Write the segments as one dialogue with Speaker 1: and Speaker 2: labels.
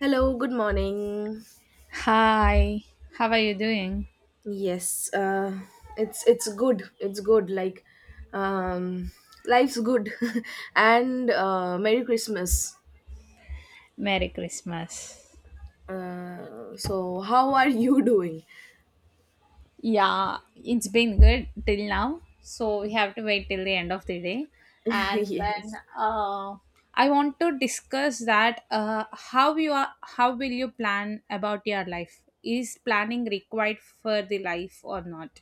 Speaker 1: Hello, good morning.
Speaker 2: Hi, how are you doing?
Speaker 1: Yes, it's good. It's good. Like, um, life's good, and Merry Christmas.
Speaker 2: Merry Christmas.
Speaker 1: So, how are you doing?
Speaker 2: Yeah, it's been good till now. So we have to wait till the end of the day. And then
Speaker 1: Yes.
Speaker 2: uh, I want to discuss that how will you plan about your life? Is planning required for the life or not?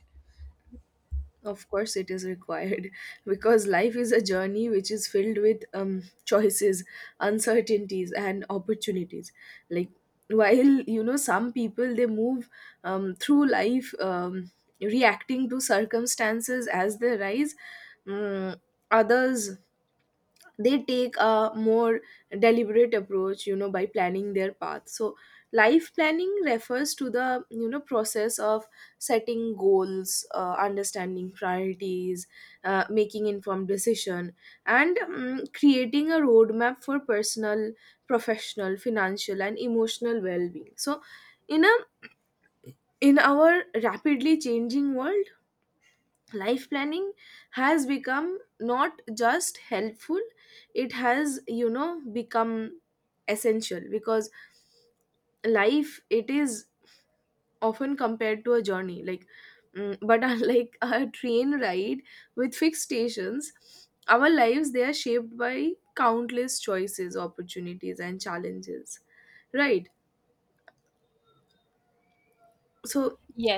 Speaker 1: Of course, it is required because life is a journey which is filled with choices, uncertainties, and opportunities. Like, while some people, they move through life, reacting to circumstances as they rise, mm, others, they take a more deliberate approach by planning their path. So life planning refers to the process of setting goals, understanding priorities, making informed decision, and creating a roadmap for personal, professional, financial, and emotional well-being. So in a in our rapidly changing world, life planning has become not just helpful, it has become essential, because life, it is often compared to a journey, like. But unlike a train ride with fixed stations, our lives, they are shaped by countless choices, opportunities, and challenges, right? So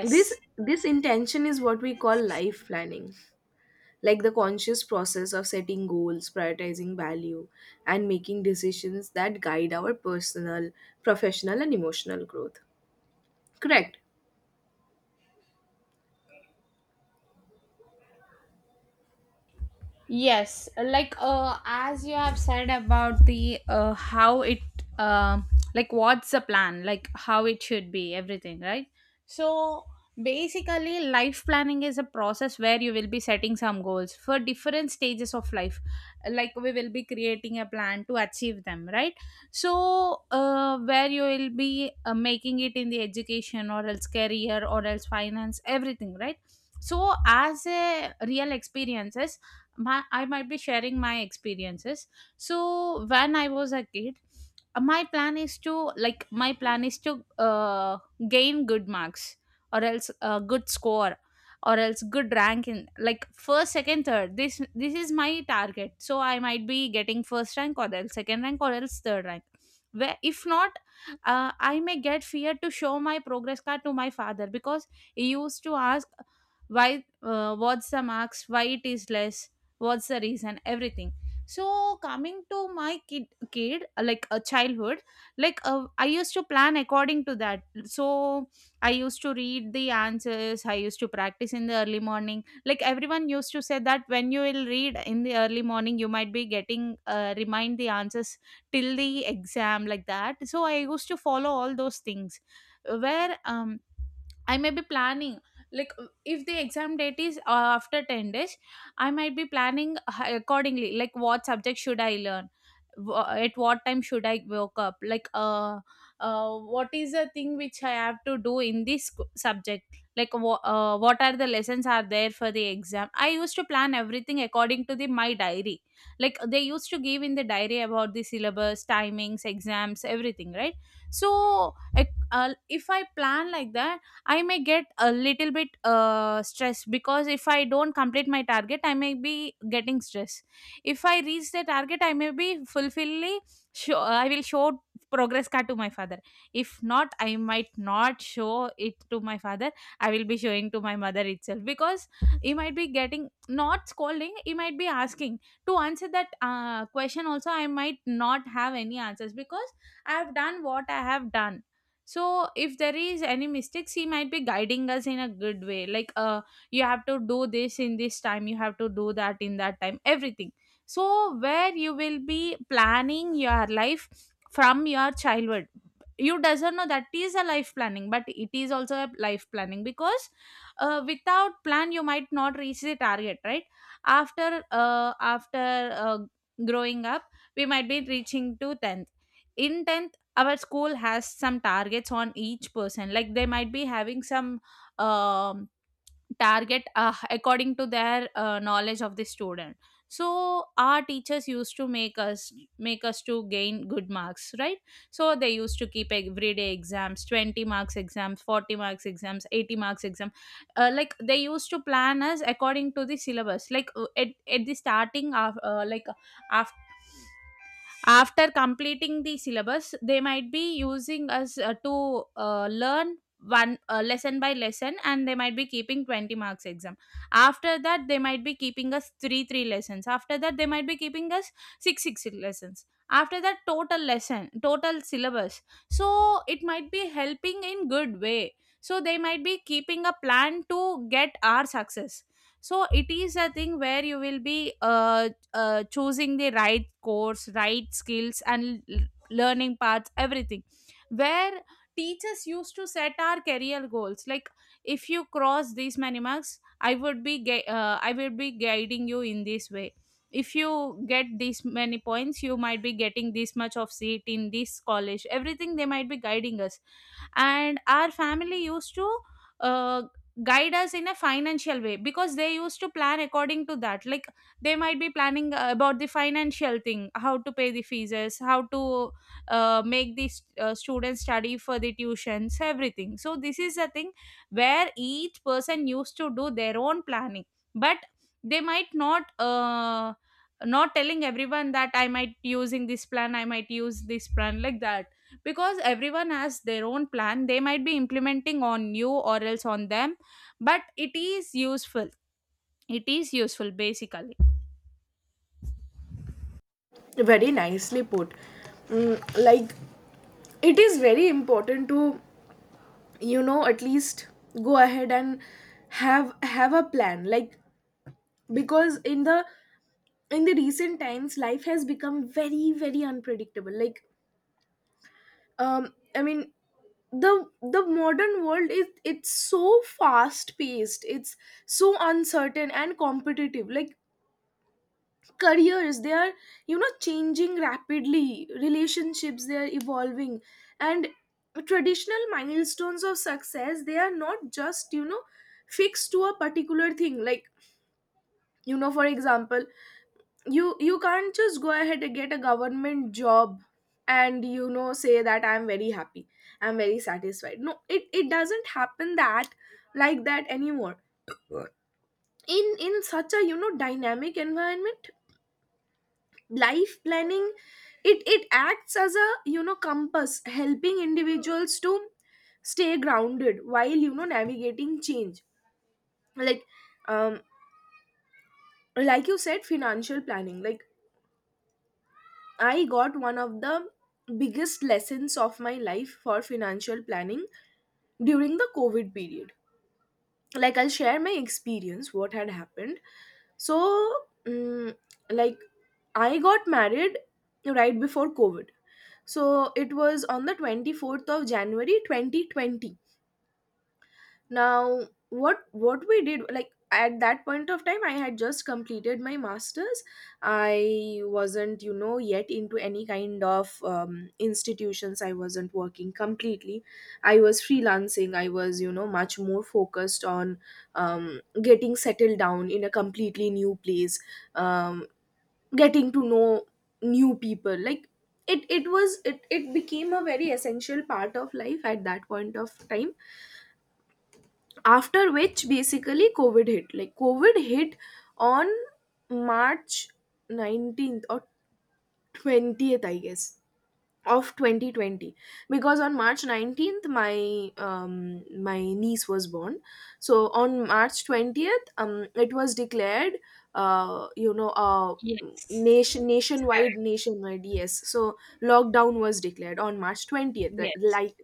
Speaker 1: this this intention is what we call life planning, like the conscious process of setting goals, prioritizing value, and making decisions that guide our personal, professional, and emotional growth. Correct.
Speaker 2: Yes, like as you have said about the how it um like what's the plan, like how it should be, everything, right? So basically, life planning is a process where you will be setting some goals for different stages of life. Like we will be creating a plan to achieve them, right? So where you will be making it in the education or else career or else finance, everything, right? So as a real experiences I might be sharing my experiences. So when I was a kid, my plan is to like my plan is to gain good marks or else a good score or else good rank in like first second third this is my target, so I might be getting first rank or else second rank or else third rank where if not I may get fear to show my progress card to my father because he used to ask why, what's the marks, why it is less, what's the reason, everything. So coming to my kid like a childhood, like I used to plan according to that. So I used to read the answers, I used to practice in the early morning. Like everyone used to say that when you will read in the early morning you might be getting remind the answers till the exam, like that, so I used to follow all those things where I may be planning like if the exam date is after 10 days I might be planning accordingly, like what subject should I learn, at what time should I woke up, like what is the thing which I have to do in this subject, like what are the lessons are there for the exam. I used to plan everything according to the my diary, like they used to give in the diary about the syllabus, timings, exams, everything, right? So if I plan like that I may get a little bit stressed because if I don't complete my target, I may be getting stress. If I reach the target, I may be fulfilly. Show, I will show progress card to my father. If not, I might not show it to my father. I will be showing to my mother itself because he might be getting not scolding. He might be asking to answer that question. Also, I might not have any answers because I have done what I have done. So if there is any mistakes he might be guiding us in a good way, like you have to do this in this time, you have to do that in that time, everything. So where you will be planning your life from your childhood, you doesn't know that is a life planning, but it is also a life planning because without plan you might not reach the target, right? After growing up we might be reaching to 10th. In 10th, our school has some targets on each person, like they might be having some um, target according to their knowledge of the student. So our teachers used to make us to gain good marks, right? So they used to keep everyday exams, 20 marks exams, 40 marks exams, 80 marks exam, like they used to plan us according to the syllabus, like at the starting of like uh, after completing the syllabus they might be using us to learn one lesson by lesson, and they might be keeping 20 marks exam. After that they might be keeping us 3 lessons. After that they might be keeping us 6 lessons. After that, total lesson, total syllabus. So it might be helping in good way. So they might be keeping a plan to get our success. So it is a thing where you will be choosing the right course, right skills and learning paths, everything, where teachers used to set our career goals, like if you cross these many marks I will be guiding you in this way. If you get these many points you might be getting this much of seat in this college, everything, they might be guiding us. And our family used to uh, guide us in a financial way because they used to plan according to that, like they might be planning about the financial thing, how to pay the fees, how to make the students study for the tuitions, everything. So this is a thing where each person used to do their own planning, but they might not, not telling everyone that I might using this plan, I might use this plan, like that, because everyone has their own plan. They might be implementing on you or else on them, but it is useful, it is useful basically.
Speaker 1: Very nicely put. Like, it is very important to, at least go ahead and have a plan, like, because in the recent times life has become very very unpredictable, like. I mean, the modern world, is it's so fast paced, it's so uncertain and competitive. Like, careers, they are changing rapidly, relationships, they are evolving, and traditional milestones of success, they are not just fixed to a particular thing, like, for example, you can't just go ahead and get a government job and say that I'm very happy, I'm very satisfied. No, it it doesn't happen that like that anymore. In such a dynamic environment, life planning, it acts as a compass, helping individuals to stay grounded while navigating change. Like, um like you said, financial planning, like, I got one of the biggest lessons of my life for financial planning during the COVID period. Like, I'll share my experience, what had happened. So, mm like, I got married right before COVID. So, it was on the 24th of January 2020. Now, what we did, like, at that point of time, I had just completed my masters. I wasn't yet into any kind of institutions. I wasn't working completely, I was freelancing, I was much more focused on getting settled down in a completely new place, um, getting to know new people. Like, it became a very essential part of life at that point of time, after which basically COVID hit, like covid hit on March 19th or 20th, I guess, of 2020. Because on March 19th, my niece was born, so on March 20th, it was declared, uh you know uh
Speaker 2: Yes.
Speaker 1: nation nationwide
Speaker 2: Correct.
Speaker 1: nationwide Yes. So lockdown was declared on March 20th.
Speaker 2: Yes.
Speaker 1: Like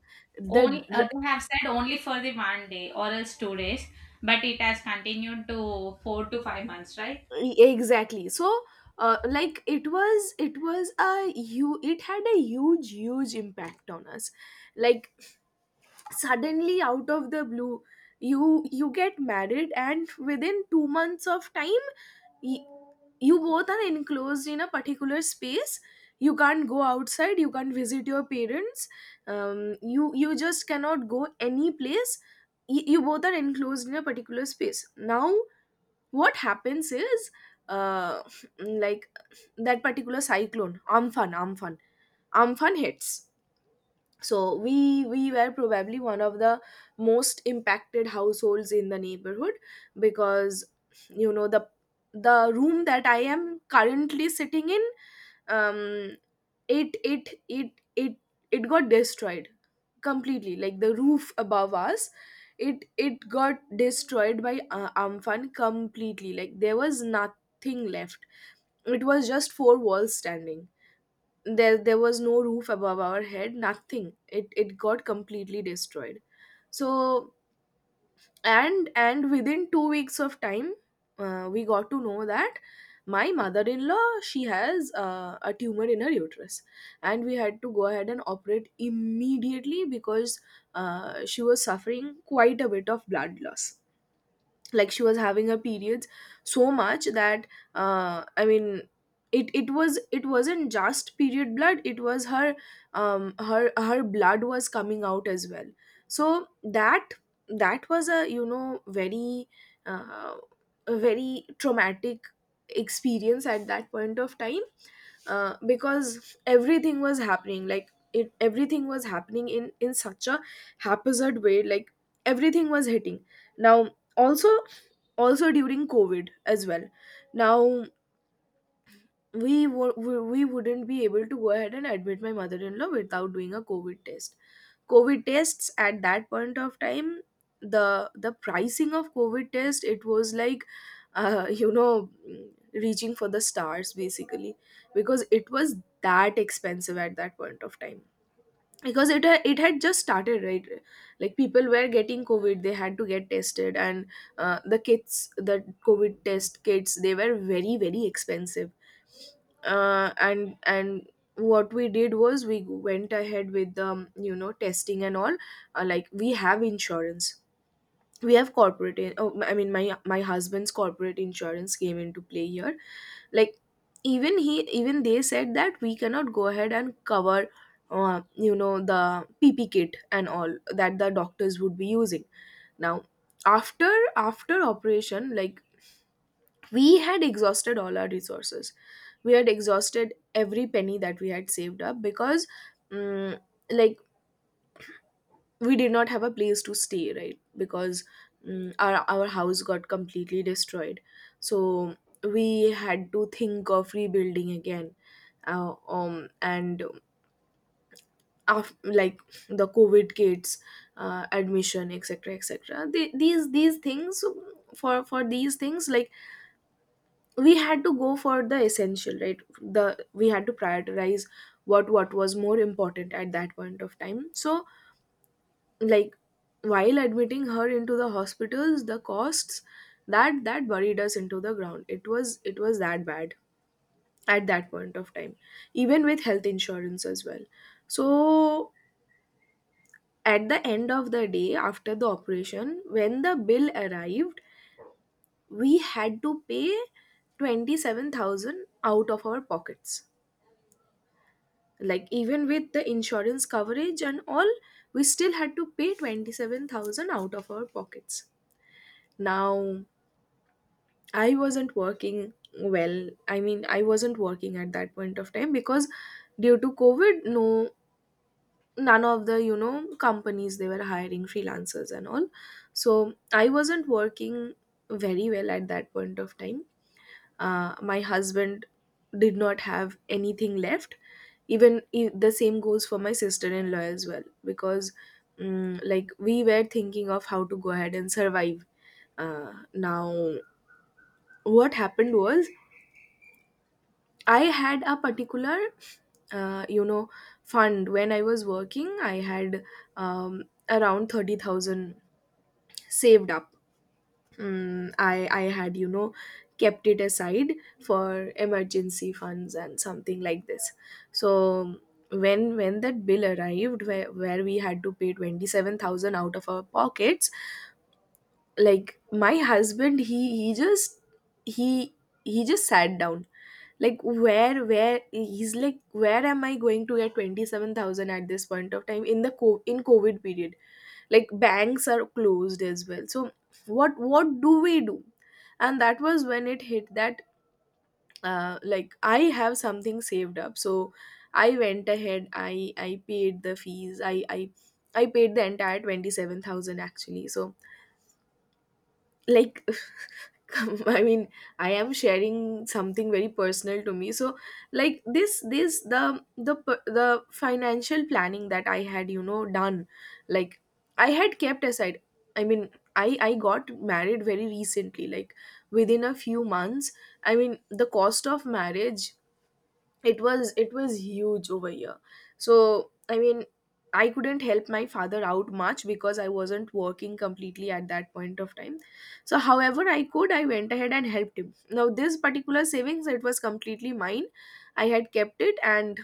Speaker 2: Only
Speaker 1: the
Speaker 2: they have said only for the one day or else 2 days, but it has continued to 4 to 5 months, right?
Speaker 1: Exactly. So like, it was a you it had a huge huge impact on us, like, suddenly out of the blue, you get married and within 2 months of time, y- you both are enclosed in a particular space, you can't go outside, you can't visit your parents, you just cannot go any place. You both are enclosed in a particular space. Now what happens is, uh like, that particular cyclone Amphan, Amphan hits. So we were probably one of the most impacted households in the neighborhood, because, you know, the room that I am currently sitting in, um it it it it it got destroyed completely. Like, the roof above us, it got destroyed by Amphan completely. Like, there was nothing left, it was just four walls standing. There was no roof above our head, nothing, it it got completely destroyed. So and within 2 weeks of time, we got to know that my mother-in-law, she has a tumor in her uterus, and we had to go ahead and operate immediately because, she was suffering quite a bit of blood loss. Like, she was having her periods so much that, I mean, it wasn't just period blood, it was her, her blood was coming out as well. So that was a very, uh, a very traumatic experience at that point of time, because everything was happening, like, it everything was happening in such a haphazard way. Like, everything was hitting now, also, also during COVID as well. Now we, wo- we wouldn't be able to go ahead and admit my mother-in-law without doing a COVID test. COVID tests at that point of time, the the pricing of COVID test, it was like, you know, reaching for the stars, basically, because it was that expensive at that point of time, because it had just started, right. Like, people were getting COVID, they had to get tested, and the kits the COVID test kits, they were very very expensive. And what we did was, we went ahead with the testing and all. Like, we have insurance, we have oh, I mean, my husband's corporate insurance came into play here. Like, even they said that we cannot go ahead and cover the pp kit and all that the doctors would be using. Now, after operation, like, we had exhausted all our resources, we had exhausted every penny that we had saved up, because, mm like, we did not have a place to stay, right? Because, our house got completely destroyed, so we had to think of rebuilding again. uh, um and like, the COVID kids, admission, etc, etc, they, these things for these things, like, we had to go for the essential, right? the We had to prioritize what was more important at that point of time. So, like, while admitting her into the hospitals, the costs, that buried us into the ground, it was that bad at that point of time, even with health insurance as well. So at the end of the day, after the operation, when the bill arrived, we had to pay 27,000 out of our pockets. Like, even with the insurance coverage and all, we still had to pay 27,000 out of our pockets. Now, I wasn't working well. I mean, I wasn't working at that point of time because, due to COVID, no, none of the, companies, they were hiring freelancers and all. So I wasn't working very well at that point of time. My husband did not have anything left. The same goes for my sister in law as well because, like, we were thinking of how to go ahead and survive. Now, what happened was, I had a particular, uh, you know, fund when I was working. I had um, around 30,000 saved up. I had kept it aside for emergency funds and something like this. So, when that bill arrived, where we had to pay 27,000 out of our pockets, like, my husband, he he just sat down. Like, where he's like, where am I going to get 27,000 at this point of time, in the in COVID period. Like, banks are closed as well, so what do we do? And that was when it hit that, like, I have something saved up. So I went ahead, I paid the fees, I paid the entire 27,000, actually. So, like, I mean, I am sharing something very personal to me. So, like, this the financial planning that I had done, like, I had kept aside. I mean, I got married very recently, like, within a few months, I mean, the cost of marriage, it was huge over here. So I mean, I couldn't help my father out much because I wasn't working completely at that point of time. So however I could, I went ahead and helped him. Now, this particular savings, it was completely mine. I had kept it, and,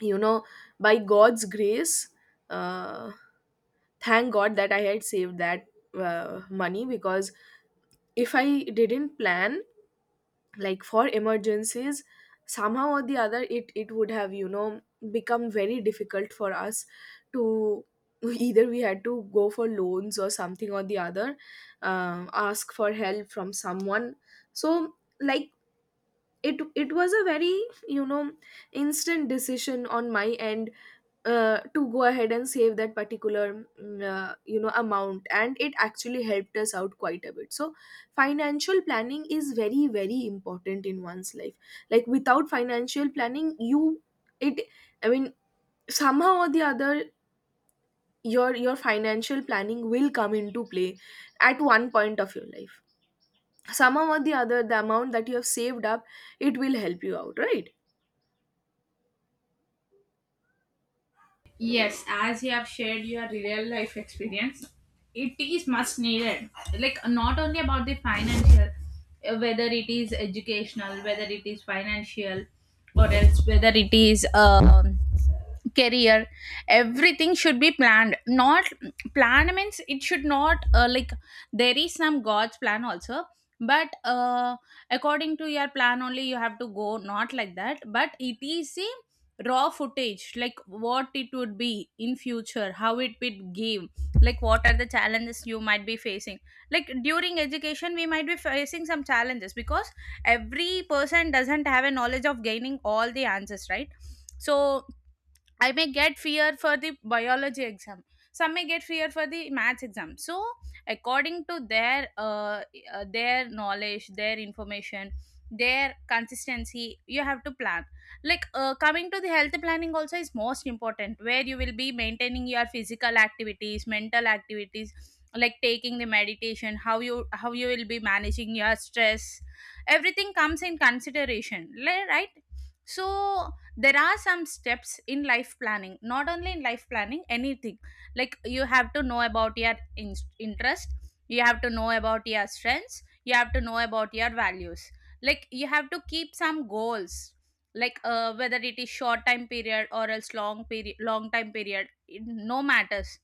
Speaker 1: you know by God's grace, uh, thank God that I had saved that money, because if I didn't plan, like, for emergencies, somehow or the other it would have become very difficult for us to, either we had to go for loans or something or the other, ask for help from someone. So, like, it was a very you know instant decision on my end to go ahead and save that particular amount, and it actually helped us out quite a bit. So financial planning is very very important in one's life. Like without financial planning, you it I mean, somehow or the other, your financial planning will come into play at one point of your life. Somehow or the other, the amount that you have saved up, it will help you out, right?
Speaker 2: Yes, as you have shared your real life experience, it is much needed. Like not only about the financial, whether it is educational, whether it is financial, or else whether it is career, everything should be planned. Not planned means it should not, like, there is some God's plan also, but according to your plan only you have to go. Not like that, but it is a raw footage like what it would be in future, how it would give, like what are the challenges you might be facing, like during education we might be facing some challenges because every person doesn't have a knowledge of gaining all the answers, right? So I may get fear for the biology exam. Some may get fear for the maths exam. So, according to their knowledge, their information, their consistency, you have to plan. Like coming to the health planning also is most important, where you will be maintaining your physical activities, mental activities, like taking the meditation, how you will be managing your stress. Everything comes in consideration, right? So there are some steps in life planning, not only in life planning, anything. Like you have to know about your interest, you have to know about your strengths, you have to know about your values, like you have to keep some goals, like whether it is short time period or else long time period it no matters.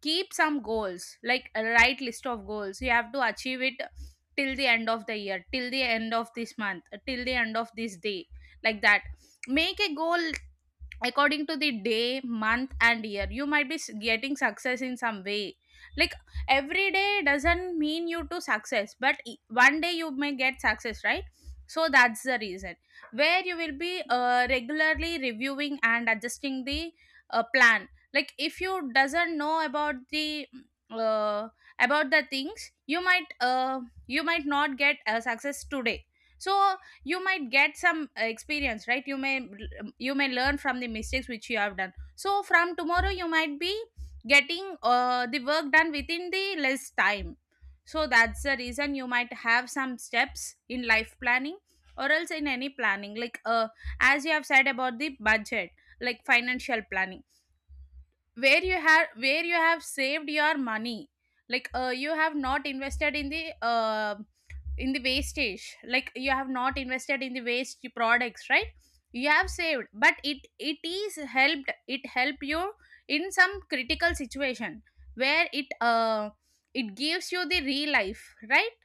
Speaker 2: Keep some goals like a right list of goals, you have to achieve it till the end of the year, till the end of this month, till the end of this day, like that. Make a goal according to the day, month and year, you might be getting success in some way. Like every day doesn't mean you to success, but one day you may get success, right? So that's the reason where you will be regularly reviewing and adjusting the plan. Like if you doesn't know uh, about the things, you might, not get a success today. So you might get some experience, right? You may learn from the mistakes which you have done, so from tomorrow you might be getting the work done within the less time. So that's the reason you might have some steps in life planning or else in any planning, like as you have said about the budget, like financial planning, where you have saved your money, like you have not invested in the wastage, like you have not invested in the waste products, right? You have saved, but it is helped it help you in some critical situation, where it gives you the real life, right?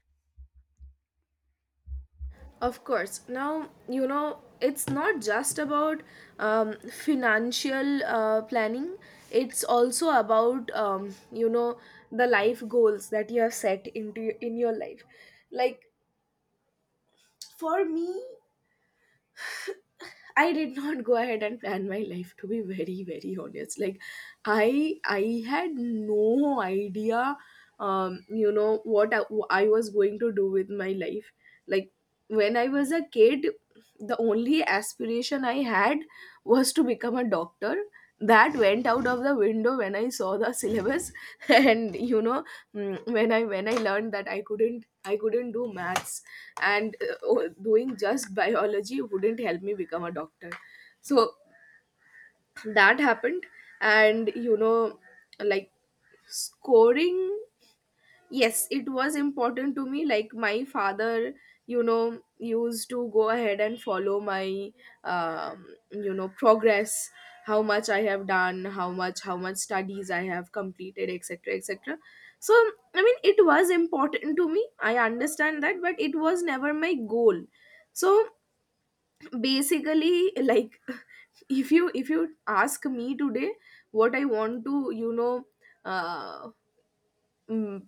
Speaker 1: Of course. Now, you know, it's not just about um, financial planning, it's also about, you know, the life goals that you have set into in your life. Like for me, I did not go ahead and plan my life, to be very very honest. Like I had no idea you know what I was going to do with my life. Like when I was a kid, the only aspiration I had was to become a doctor. That went out of the window when I saw the syllabus and you know, when I learned that I couldn't do maths, and doing just biology wouldn't help me become a doctor. So that happened. And you know, like, scoring, yes it was important to me. Like my father, you know, used to go ahead and follow my you know progress, how much I have done, how much studies I have completed, etc etc. So I mean, it was important to me, I understand that, but it was never my goal. So basically, like, if you ask me today what I want to, you know, uh mm,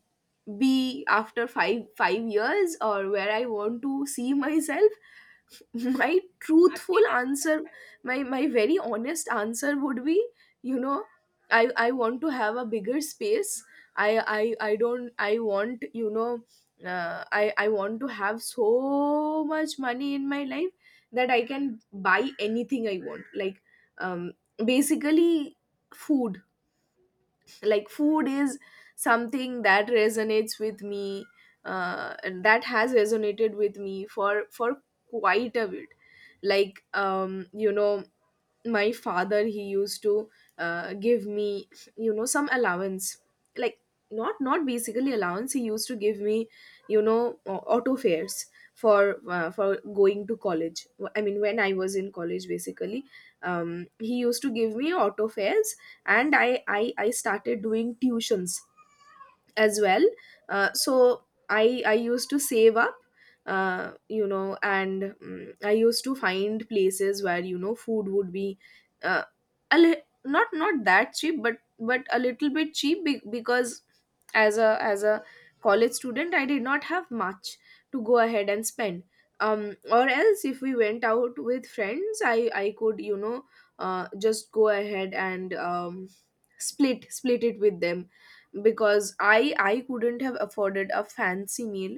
Speaker 1: be after five five years, or where I want to see myself, my truthful answer, my very honest answer would be, you know, I want to have a bigger space. I don't, I want, you know, I want to have so much money in my life that I can buy anything I want. Like, um basically, food. Like food is something that resonates with me. And that has resonated with me for quite a bit. Like you know, my father, he used to give me, you know, some allowance. Like, not basically allowance. He used to give me, you know, auto fares for going to college. I mean, when I was in college, basically, he used to give me auto fares, and I started doing tuitions as well. So I used to save up, you know, and I used to find places where, you know, food would be uh, a not that cheap, but a little bit cheap, because as a college student, I did not have much to go ahead and spend. um or else, if we went out with friends, I could, you know, just go ahead and split it with them, because I couldn't have afforded a fancy meal,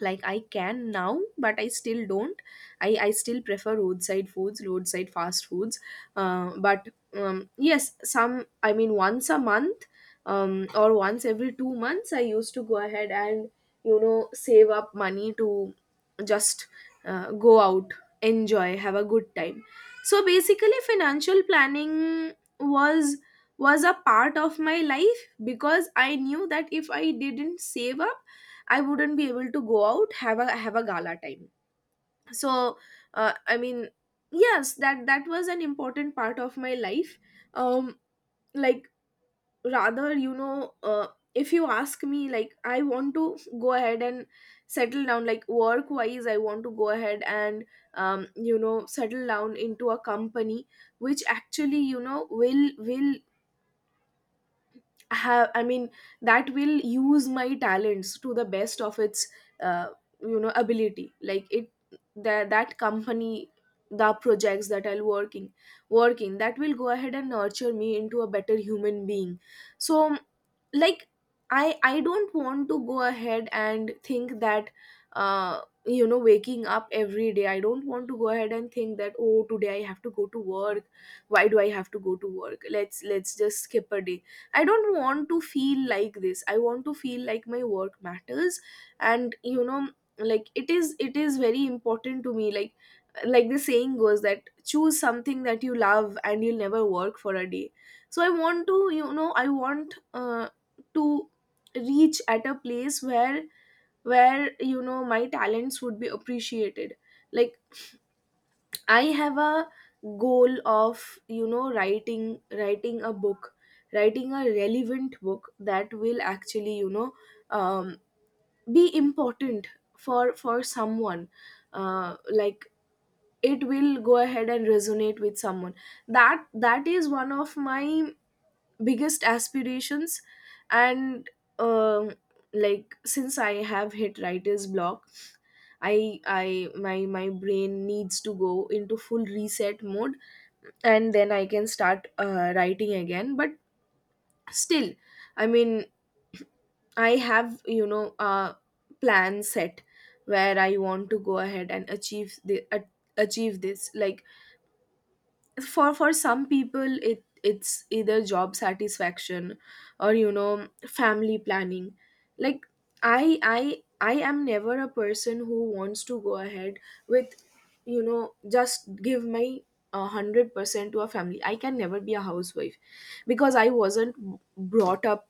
Speaker 1: like I can now, but I still don't. I still prefer roadside foods, roadside fast foods. But Yes, some, I mean, once a month, or once every 2 months, I used to go ahead and, you know, save up money to just go out, enjoy, have a good time. So basically, financial planning was was a part of my life, because I knew that if I didn't save up, I wouldn't be able to go out, have a gala time. So, I mean, yes, that was an important part of my life. Um, like, rather, you know, if you ask me, like, I want to go ahead and settle down, like work wise. I want to go ahead and you know settle down into a company which actually, you know, will have, I mean, that will use my talents to the best of its uh, you know ability. Like it, that company, the projects that I'll working, that will go ahead and nurture me into a better human being. So, like, I don't want to go ahead and think that uh you know, waking up every day, I don't want to go ahead and think that, oh, today I have to go to work, why do I have to go to work, let's just skip a day. I don't want to feel like this, I want to feel like my work matters. And you know, like, it is very important to me. Like, the saying goes that choose something that you love and you'll never work for a day. So I want to, you know, I want to reach at a place where, you know, my talents would be appreciated. Like, I have a goal of, you know, writing a book, writing a relevant book that will actually, you know, um, be important for someone. Like, it will go ahead and resonate with someone. That is one of my biggest aspirations. And um, like, since I have hit writer's block, I my my brain needs to go into full reset mode, and then I can start writing again. But still, I mean, I have, you know, a plan set where I want to go ahead and achieve achieve this. Like, for some people, it's either job satisfaction or, you know, family planning. Like, I am never a person who wants to go ahead with, you know, just give my 100% to a family. I can never be a housewife because I wasn't brought up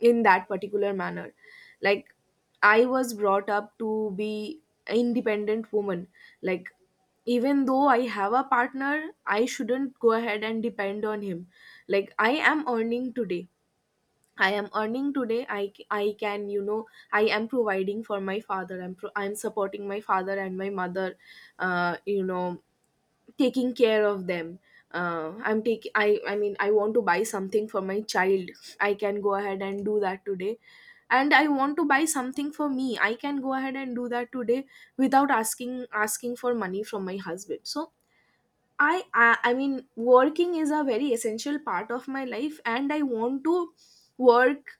Speaker 1: in that particular manner. Like, I was brought up to be an independent woman. Like, even though I have a partner, I shouldn't go ahead and depend on him. Like, I am earning today. I am earning today. I can, you know, I am providing for my father. I'm supporting my father and my mother, you know, taking care of them. I mean, I want to buy something for my child. I can go ahead and do that today. And I want to buy something for me. I can go ahead and do that today, without asking for money from my husband. So, I mean, working is a very essential part of my life, and I want to work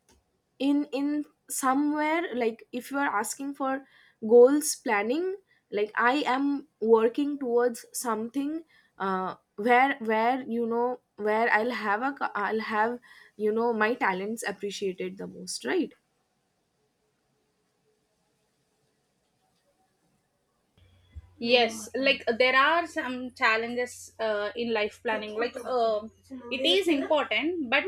Speaker 1: in somewhere. Like, if you are asking for goals planning, like, I am working towards something where, you know, where I'll have a co- I'll have, you know, my talents appreciated the most, right?
Speaker 2: Yes, like there are some challenges in life planning, like it is important, but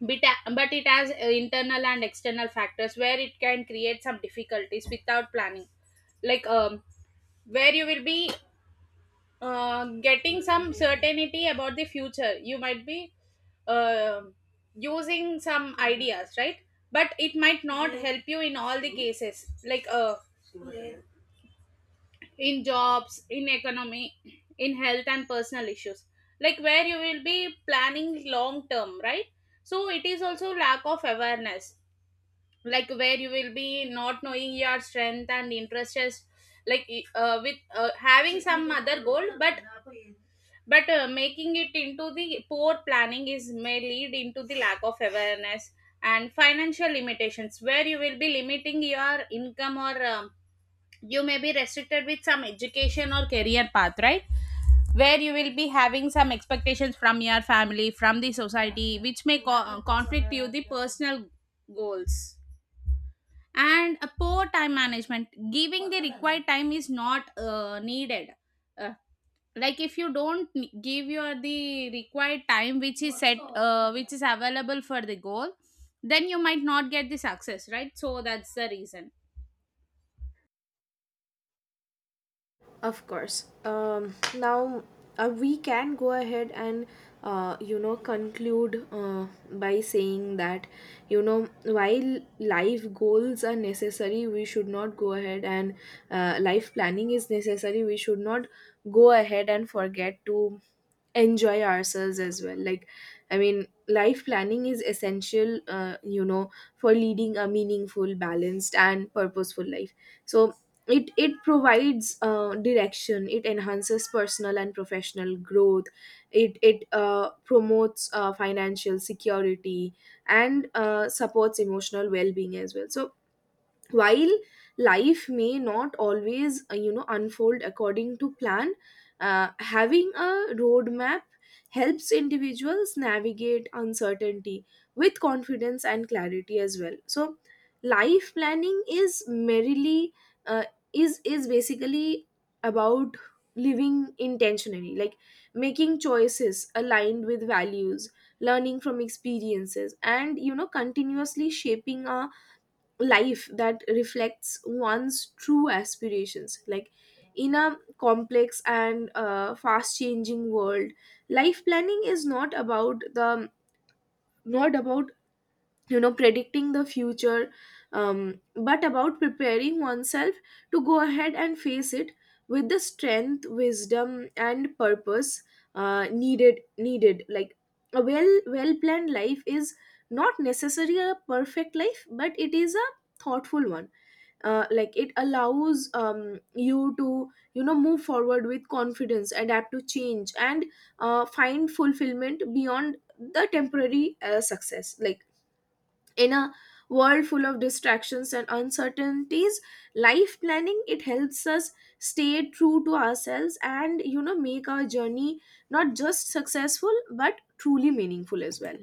Speaker 2: but, uh, but it has internal and external factors where it can create some difficulties without planning. Like where you will be getting some certainty about the future, you might be uh, using some ideas, right? But it might not help you in all the cases, like in jobs, in economy, in health and personal issues, like where you will be planning long term, right? So it is also lack of awareness, like where you will be not knowing your strength and interests, like with having some other goal, but making it into the poor planning is may lead into the lack of awareness, and financial limitations where you will be limiting your income, or you may be restricted with some education or career path, right, where you will be having some expectations from your family, from the society, which may conflict you the personal goals, and a poor time management, giving the required time is not needed, uh, like if you don't give your the required time which is available for the goal, then you might not get the success, right? So that's the reason.
Speaker 1: Of course. Now, we can go ahead and you know conclude, by saying that, you know, while life goals are necessary, we should not go ahead and, life planning is necessary. We should not go ahead and forget to enjoy ourselves as well. Like, I mean, life planning is essential, you know, for leading a meaningful, balanced and purposeful life. So it provides direction, it enhances personal and professional growth. It promotes financial security, and supports emotional well-being as well. So, while life may not always you know unfold according to plan, having a roadmap helps individuals navigate uncertainty with confidence and clarity as well. So life planning is merely, uh, is basically about living intentionally. Like, making choices aligned with values, learning from experiences, and you know, continuously shaping our life that reflects one's true aspirations. Like, in a complex and fast changing world, life planning is not about the, not about you know, predicting the future, but about preparing oneself to go ahead and face it with the strength, wisdom and purpose needed. Like, a well planned life is not necessarily a perfect life, but it is a thoughtful one. Like, it allows, you to, you know, move forward with confidence, adapt to change, and find fulfillment beyond the temporary success. Like, in a world full of distractions and uncertainties, life planning, it helps us stay true to ourselves and, you know, make our journey not just successful but truly meaningful as well.